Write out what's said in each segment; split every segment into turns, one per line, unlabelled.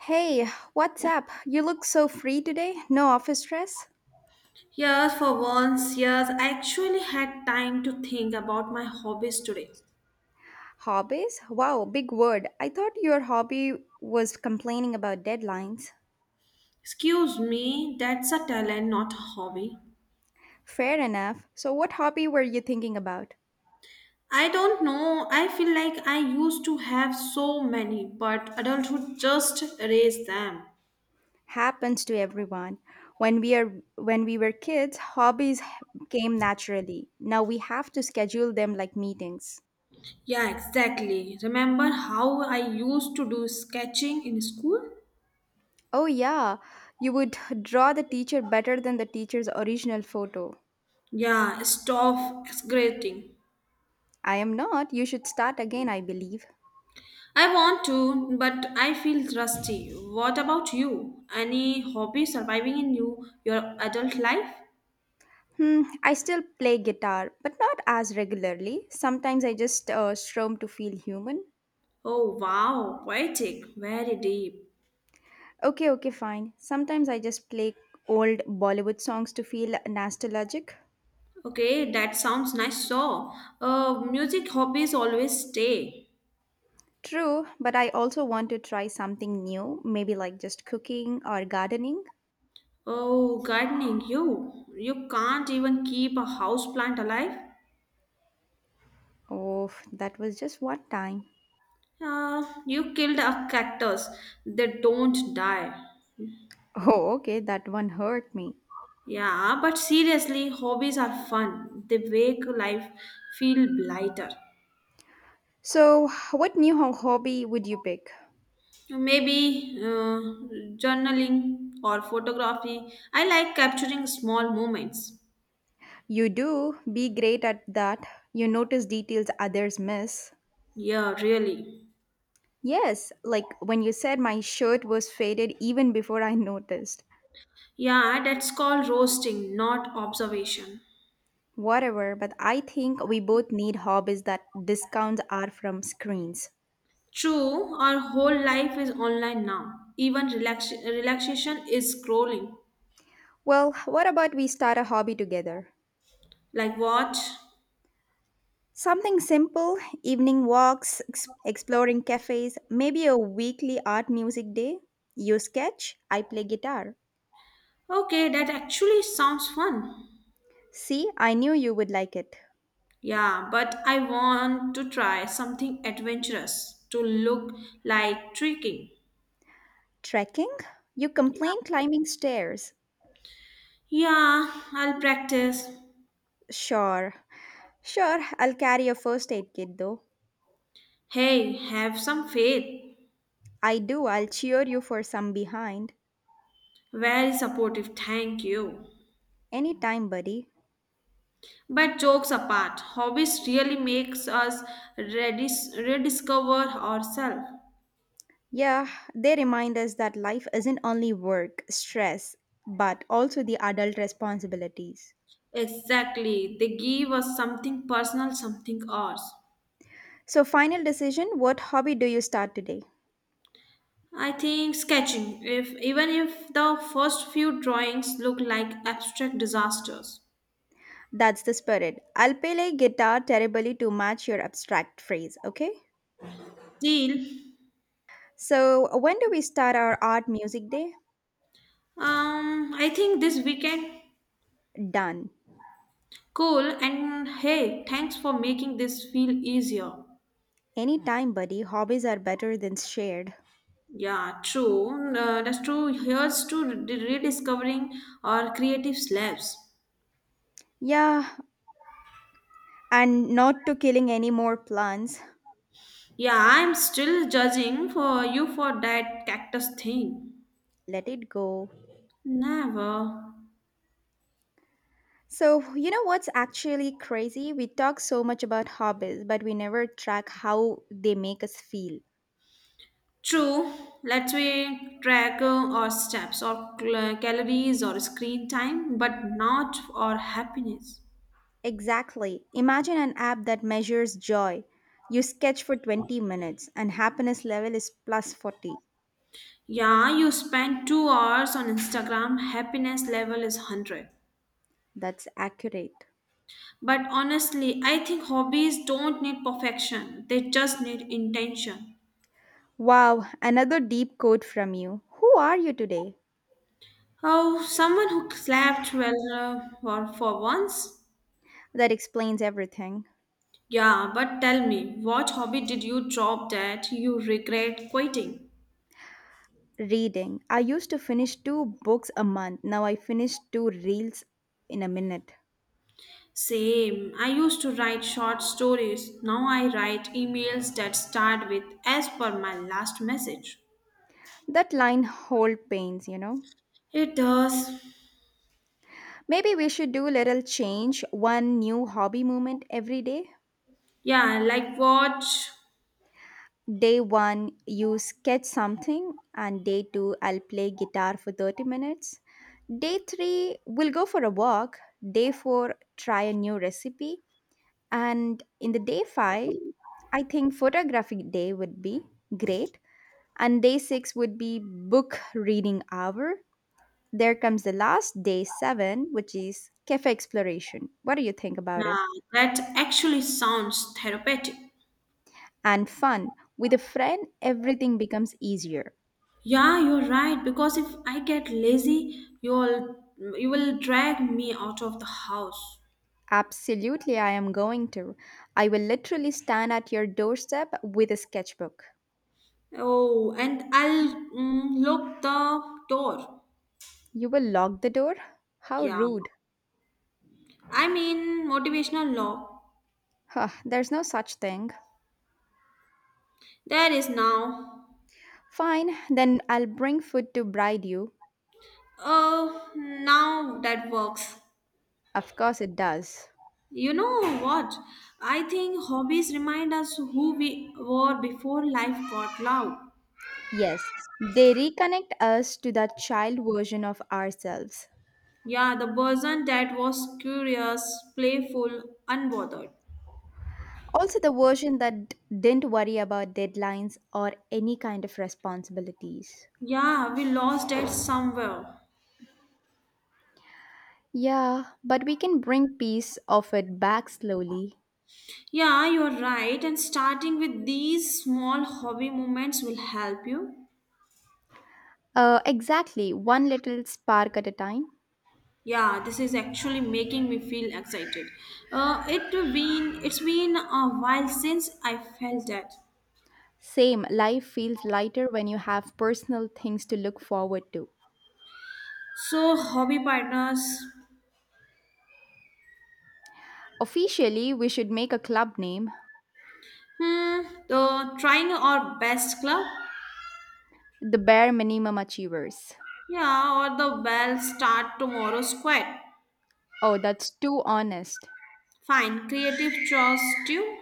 Hey, what's up? You look so free today. No office stress?
Yes, for once, yes, I actually had time to think about my hobbies today.
Hobbies? Wow, big word. I thought your hobby was complaining about deadlines.
Excuse me, that's a talent, not a hobby.
Fair enough. So what hobby were you thinking about?
I don't know, I feel like I used to have so many, but adulthood just erased them.
Happens to everyone. When we were kids, hobbies came naturally. Now we have to schedule them like meetings.
Yeah, exactly. Remember how I used to do sketching in school?
Oh yeah, you would draw the teacher better than the teacher's original photo.
Yeah, stop exaggerating.
I am not. You should start again, I believe.
I want to, but I feel rusty. What about you? Any hobby surviving in your adult life?
Hmm, I still play guitar, but not as regularly. Sometimes I just strum to feel human.
Oh wow, poetic, very deep.
Okay, okay, fine. Sometimes I just play old Bollywood songs to feel nostalgic.
Okay, that sounds nice. So, music hobbies always stay.
True, but I also want to try something new, maybe like just cooking or gardening.
Oh, gardening, you can't even keep a house plant alive.
Oh, that was just one time.
You killed a cactus. They don't die.
Oh, okay, that one hurt me.
Yeah, but seriously, hobbies are fun. They make life feel lighter.
So, what new hobby would you pick?
Maybe journaling or photography. I like capturing small moments.
You do be great at that. You notice details others miss.
Yeah, really.
Yes, like when you said my shirt was faded even before I noticed.
Yeah, that's called roasting, not observation.
Whatever, but I think we both need hobbies that discount are from screens.
True, our whole life is online now. Even relaxation is scrolling.
Well, what about we start a hobby together?
Like what?
Something simple, evening walks, exploring cafes, maybe a weekly art music day. You sketch, I play guitar.
Okay, that actually sounds fun.
See, I knew you would like it.
Yeah, but I want to try something adventurous to look like tricking.
Trekking? You complain climbing stairs.
Yeah, I'll practice.
Sure. Sure, I'll carry a first aid kit though.
Hey, have some faith.
I do. I'll cheer you for some behind.
Very supportive, thank you.
Anytime, buddy.
But jokes apart, hobbies really makes us rediscover ourselves.
Yeah, they remind us that life isn't only work, stress, but also the adult responsibilities.
Exactly, they give us something personal, something ours.
So, final decision what hobby do you start today?
I think sketching, if even if the first few drawings look like abstract disasters.
That's the spirit. I'll play like guitar terribly to match your abstract phrase, okay?
Deal.
So, when do we start our art music day?
I think this weekend.
Done.
Cool, and hey, thanks for making this feel easier.
Anytime, buddy. Hobbies are better than shared.
Yeah, true. That's true. Here's to rediscovering our creative slabs.
Yeah, and not to killing any more plants.
Yeah, I'm still judging for you for that cactus thing.
Let it go.
Never.
So, you know what's actually crazy? We talk so much about hobbies, but we never track how they make us feel.
True. Let's we track our steps or calories or screen time, but not our happiness.
Exactly. Imagine an app that measures joy. You sketch for 20 minutes and happiness level is plus 40.
Yeah, you spend 2 hours on Instagram. Happiness level is 100.
That's accurate.
But honestly, I think hobbies don't need perfection. They just need intention.
Wow, another deep quote from you. Who are you today?
Oh, someone who slept well for once?
That explains everything.
Yeah, but tell me, what hobby did you drop that you regret quitting?
Reading. I used to finish two books a month. Now I finish two reels in a minute.
Same. I used to write short stories. Now I write emails that start with as per my last message.
That line whole pains, you know?
It does.
Maybe we should do little change, one new hobby moment every day.
Yeah, like what?
Day one, you sketch something, and day two, I'll play guitar for 30 minutes. Day three, we'll go for a walk. Day four, try a new recipe. And in the day five, I think photographic day would be great. And day six would be book reading hour. There comes the last day seven, which is cafe exploration. What do you think about it?
Yeah, that actually sounds therapeutic.
And fun. With a friend, everything becomes easier.
Yeah, you're right. Because if I get lazy, you will drag me out of the house.
Absolutely, I am going to. I will literally stand at your doorstep with a sketchbook.
Oh, and I'll lock the door.
You will lock the door? How
Yeah.
rude.
I mean, motivational law.
Huh, there's no such thing.
There is now.
Fine, then I'll bring food to bribe you.
Oh, now that works.
Of course, it does.
You know what? I think hobbies remind us who we were before life got loud.
Yes, they reconnect us to that child version of ourselves.
Yeah, the person that was curious, playful, unbothered.
Also, the version that didn't worry about deadlines or any kind of responsibilities.
Yeah, we lost it somewhere.
Yeah, but we can bring piece of it back slowly.
Yeah, you're right. And starting with these small hobby moments will help you.
Exactly, one little spark at a time.
Yeah, this is actually making me feel excited. It's been a while since I felt that.
Same, life feels lighter when you have personal things to look forward to.
So hobby partners,
Officially, we should make a club name,
hmm, the trying our best club,
the Bare Minimum Achievers.
yeah, or the well start tomorrow squad.
Oh, that's too honest.
Fine, creative choice too.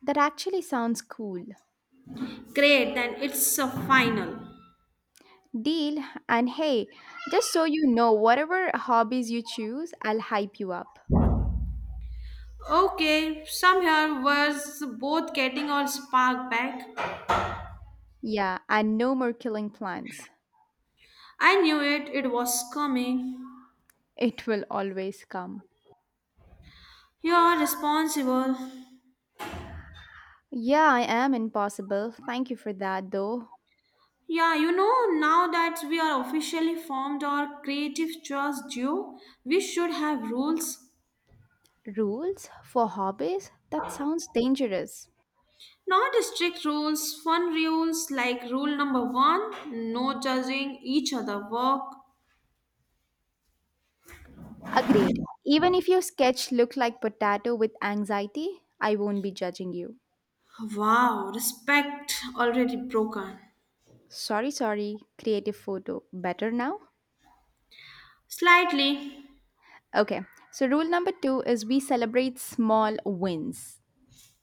That actually sounds cool.
Great, then it's a final.
Deal, and hey, just so you know, whatever hobbies you choose, I'll hype you up.
Okay, somehow was both getting our spark back.
Yeah, and no more killing plans.
I knew it, it was coming.
It will always come.
You're responsible.
Yeah, I am impossible. Thank you for that, though.
Yeah, now that we are officially formed our creative choice duo, we should have rules.
Rules for hobbies? That sounds dangerous.
Not strict rules, fun rules like rule number one no judging each other work.
Agreed. Even if your sketch looked like potato with anxiety, I won't be judging you.
Wow, respect already broken.
Sorry, sorry. Creative photo. Better now?
Slightly.
Okay, so rule number two is we celebrate small wins.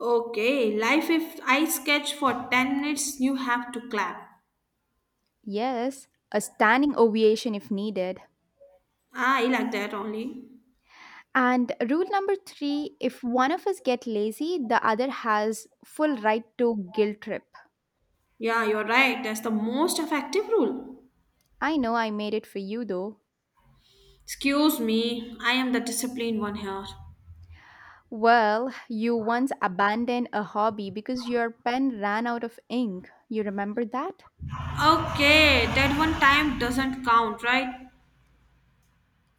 Okay, life if I sketch for 10 minutes, you have to clap.
Yes, a standing ovation if needed.
Ah, I like that only.
And rule number three if one of us get lazy, the other has full right to guilt trip.
Yeah, you're right. That's the most effective rule.
I know I made it for you though.
Excuse me, I am the disciplined one here.
Well, you once abandoned a hobby because your pen ran out of ink. You remember that?
Okay, that one time doesn't count, right?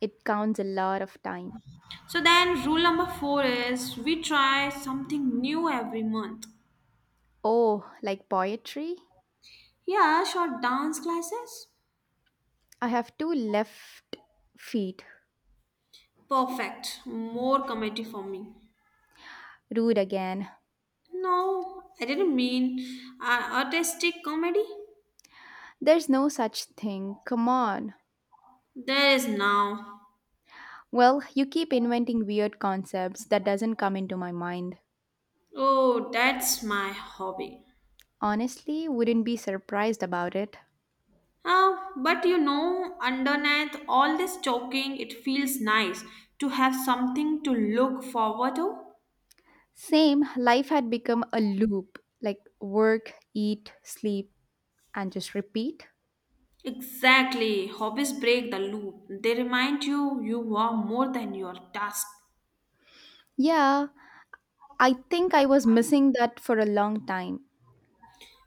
It counts a lot of time.
So then, rule number four is we try something new every month.
Oh, like poetry?
Yeah, short dance classes.
I have two left feet.
Perfect. More comedy for me.
Rude again.
No, I didn't mean artistic comedy.
There's no such thing. Come on.
There is now.
Well, you keep inventing weird concepts that doesn't come into my mind.
Oh, that's my hobby.
Honestly, wouldn't be surprised about it.
Ah, but underneath all this joking, it feels nice to have something to look forward to.
Same, life had become a loop like work, eat, sleep, and just repeat.
Exactly. Hobbies break the loop. They remind you you are more than your task.
Yeah, I think I was missing that for a long time.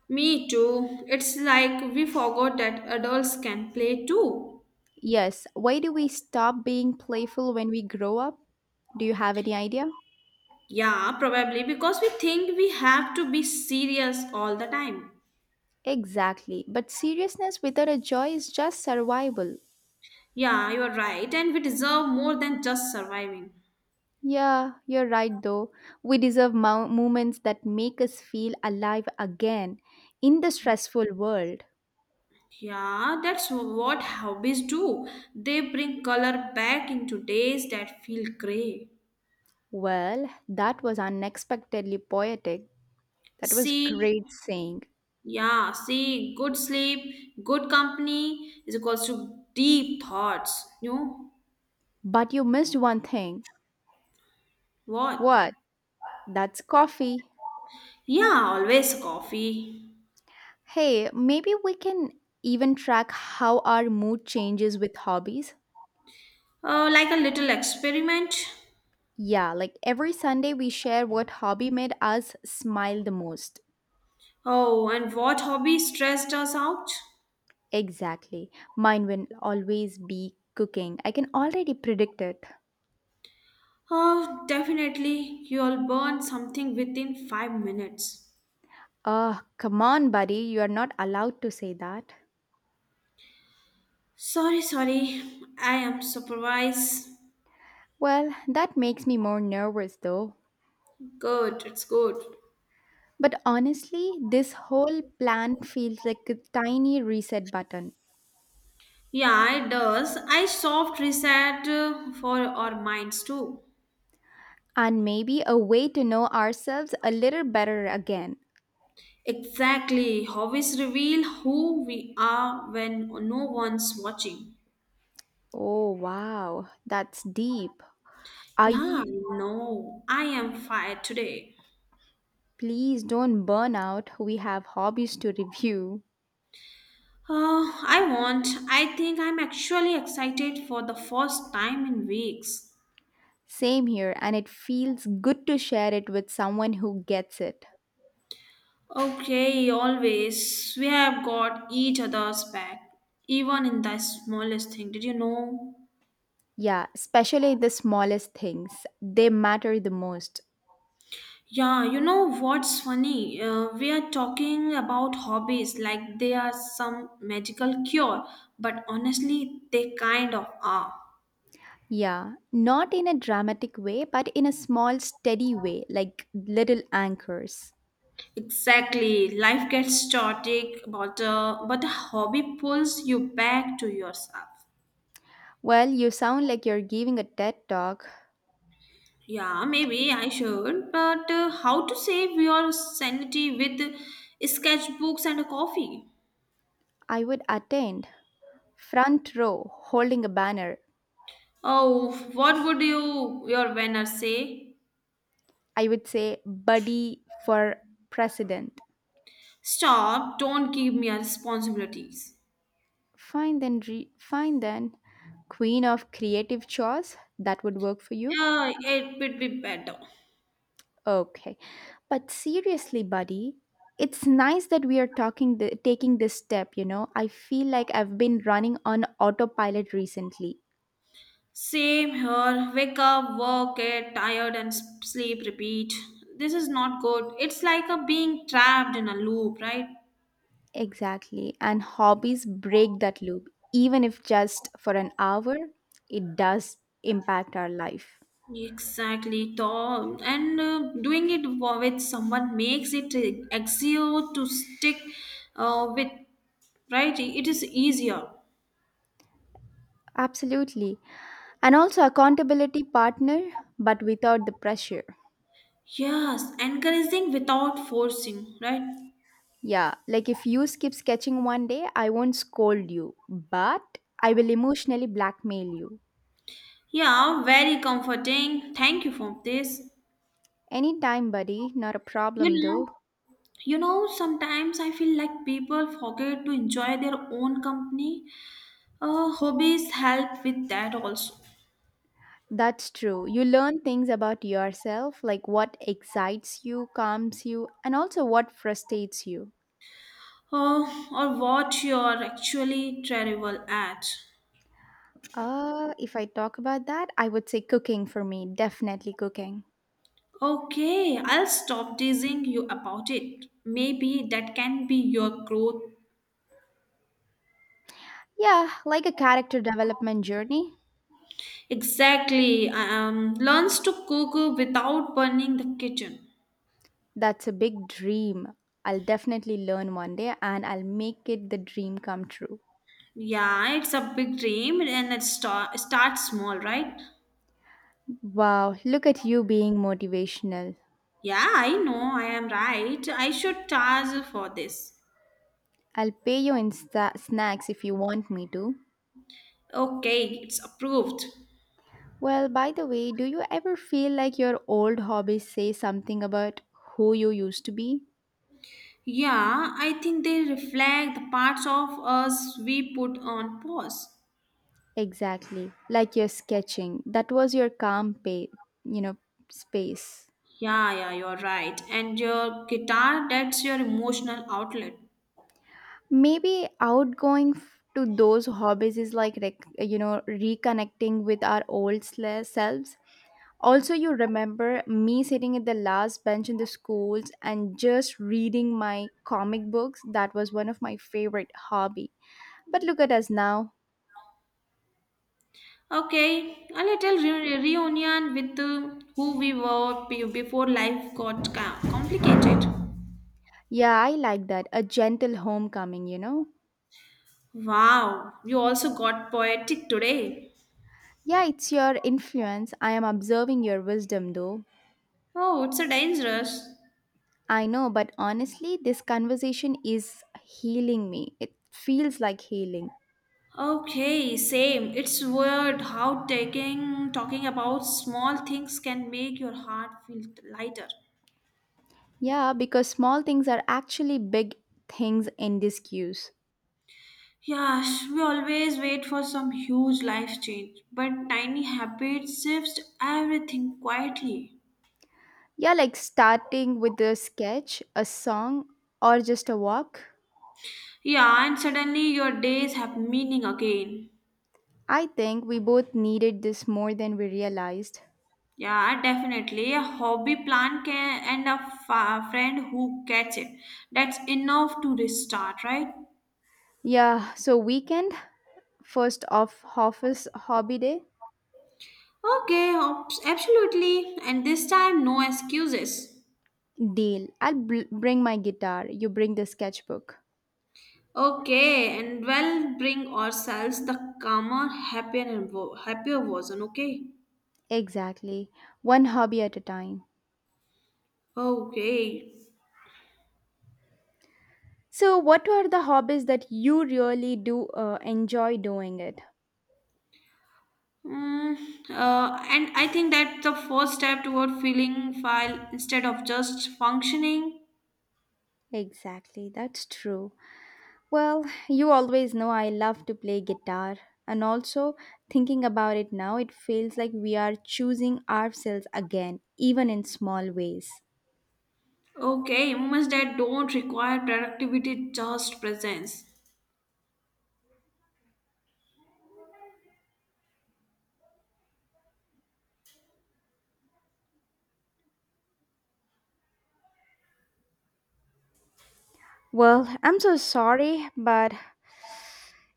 Me too. It's like we forgot that adults can play too.
Yes, why do we stop being playful when we grow up? Do you have any idea?
Yeah, probably because we think we have to be serious all the time.
Exactly, but seriousness without a joy is just survival.
Yeah, you're right, and we deserve more than just surviving.
Yeah, you're right though. We deserve moments that make us feel alive again in the stressful world.
Yeah, that's what hobbies do. They bring color back into days that feel gray.
Well, that was unexpectedly poetic. That was
See,
great saying.
Yeah, see, good sleep, good company is equals to deep thoughts. You know
But you missed one thing.
what?
What? That's coffee.
Yeah, always coffee.
Hey, maybe we can even track how our mood changes with hobbies.
Like a little experiment.
Yeah, like every Sunday we share what hobby made us smile the most.
Oh, and what hobby stressed us out?
Exactly. Mine will always be cooking. I can already predict it.
Oh, definitely, you'll burn something within 5 minutes.
Oh, come on, buddy. You are not allowed to say that.
Sorry, sorry, I am supervised.
Well, that makes me more nervous though.
Good, it's good.
But honestly, this whole plan feels like a tiny reset button.
Yeah, it does. I soft reset for our minds too.
And maybe a way to know ourselves a little better again.
Exactly. Hobbies reveal who we are when no one's watching.
Oh, wow, that's deep. Are
Yeah,
you?
I know. I am fired today.
Please don't burn out. We have hobbies to review.
I won't. I think I'm actually excited for the first time in weeks.
Same here, and it feels good to share it with someone who gets it.
Okay, always. We have got each other's back, even in the smallest thing. Did you know?
Yeah, especially the smallest things, they matter the most.
Yeah, you know what's funny? We are talking about hobbies like they are some magical cure, but honestly, they kind of are.
Yeah, not in a dramatic way, but in a small, steady way, like little anchors.
Exactly. Life gets static, but a hobby pulls you back to yourself.
Well, you sound like you're giving a TED talk.
Yeah, maybe I should, but how to save your sanity with sketchbooks and a coffee?
I would attend. Front row, holding a banner.
Oh, what would your winner say?
I would say, Buddy for president.
Stop, don't give me responsibilities.
Fine then. Queen of creative chores. That would work for you.
Yeah, it would be better.
Okay. But seriously, buddy, it's nice that we are talking the, taking this step, you know. I feel like I've been running on autopilot recently.
Same here. Wake up, work, get tired, and sleep, repeat. This is not good. It's like a being trapped in a loop, right?
Exactly. And hobbies break that loop. Even if just for an hour, it does impact our life.
Exactly, Tom. And doing it with someone makes it easier to stick with, right? It is easier.
Absolutely. And also accountability partner, but without the pressure.
Yes, encouraging without forcing, right?
Yeah, like if you skip sketching one day, I won't scold you, but I will emotionally blackmail you.
Yeah, very comforting. Thank you for this.
Anytime, buddy, not a
You
problem
know,
though.
sometimes I feel like people forget to enjoy their own company. Hobbies help with that also.
That's true. You learn things about yourself, like what excites you, calms you, and also what frustrates you.
Uh, or what you're actually terrible at.
If I talk about that, I would say cooking for me, definitely cooking.
Okay, I'll stop teasing you about it. Maybe that can be your growth.
Yeah, like a character development journey.
Exactly. Learns to cook without burning the kitchen.
That's a big dream. I'll definitely learn one day and I'll make it the dream come true.
Yeah, it's a big dream and it start small, right?
Wow, look at you being motivational.
Yeah, I know, I am right. I should charge for this.
I'll pay you in sta snacks if you want me to.
Okay, it's approved.
Well, by the way, do you ever feel like your old hobbies say something about who you used to be?
Yeah, I think they reflect the parts of us we put on pause.
Exactly. Like your sketching. That was your calm you know, space.
Yeah, yeah, you're right. And your guitar, that's your emotional outlet.
Maybe outgoing to those hobbies is like you know reconnecting with our old selves. Also, you remember me sitting at the last bench in the schools and just reading my comic books. That was one of my favorite hobby, but look at us now.
Okay, a little reunion with who we were before life got complicated.
Yeah, I like that, a gentle homecoming, you know.
Wow, you also got poetic today.
Yeah, it's your influence, I am observing your wisdom though.
Oh, it's a dangerous.
I know, but honestly this conversation is healing me, it feels like healing.
Okay, same. It's weird how taking talking about small things can make your heart feel lighter.
Yeah, because small things are actually big things in this cues.
Yes, we always wait for some huge life change, but tiny habits shifts everything quietly.
Yeah, like starting with a sketch, a song, or just a walk.
Yeah, and suddenly your days have meaning again.
I think we both needed this more than we realized.
Yeah, definitely. A hobby plan can and a friend who gets it. That's enough to restart, right?
Yeah, so weekend, first off, office hobby day.
Okay, absolutely. And this time, no excuses.
Deal. I'll bring my guitar, you bring the sketchbook.
Okay, and well, bring ourselves the calmer, happier, and happier version. Okay.
Exactly. One hobby at a time.
Okay.
So, what are the hobbies that you really do enjoy doing it?
Mm, and I think that's the first step toward feeling file instead of just functioning.
Exactly, that's true. Well, you always know I love to play guitar, and also thinking about it now, it feels like we are choosing ourselves again, even in small ways.
Okay, moments that don't require productivity, just presence.
Well, I'm so sorry, but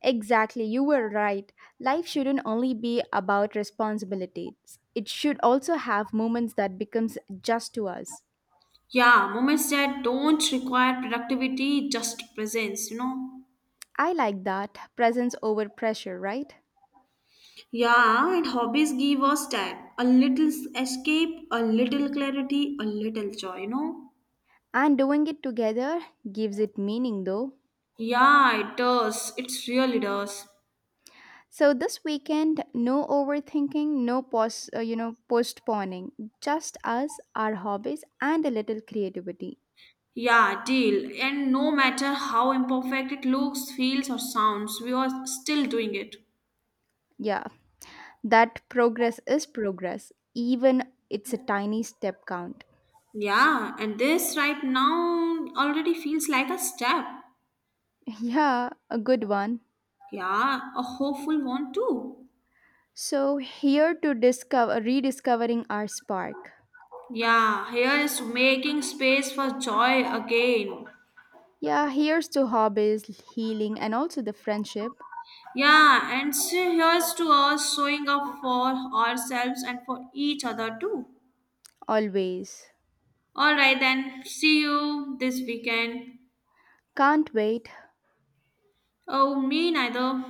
exactly, you were right. Life shouldn't only be about responsibilities. It should also have moments that becomes just to us.
Yeah, moments that don't require productivity, just presence.
I like that, presence over pressure, right?
Yeah, and hobbies give us time. A little escape, a little clarity, a little joy, you know?
And doing it together gives it meaning though.
Yeah, it does. It really does.
So this weekend, no overthinking, no post, you know, postponing. Just us, our hobbies, and a little creativity.
Yeah, deal. And no matter how imperfect it looks, feels, or sounds, we are still doing it.
Yeah, that progress is progress. Even it's a tiny step count.
Yeah, and this right now already feels like a step.
Yeah, a good one.
Yeah, a hopeful one too.
So here to discover, rediscovering our spark.
Yeah, here is making space for joy again.
Yeah, here's to hobbies, healing, and also the friendship.
Yeah, and so here's to us showing up for ourselves and for each other too.
Always.
All right, then, see you this weekend.
Can't wait.
Oh, me neither.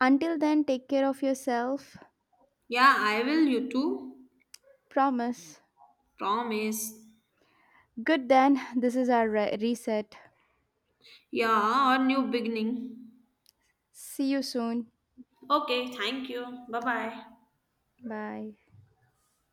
Until then, take care of yourself.
Yeah, I will, you too.
Promise.
Promise.
Good then, this is our reset.
Yeah, a new beginning.
See you soon.
Okay, thank you. Bye bye.
Bye.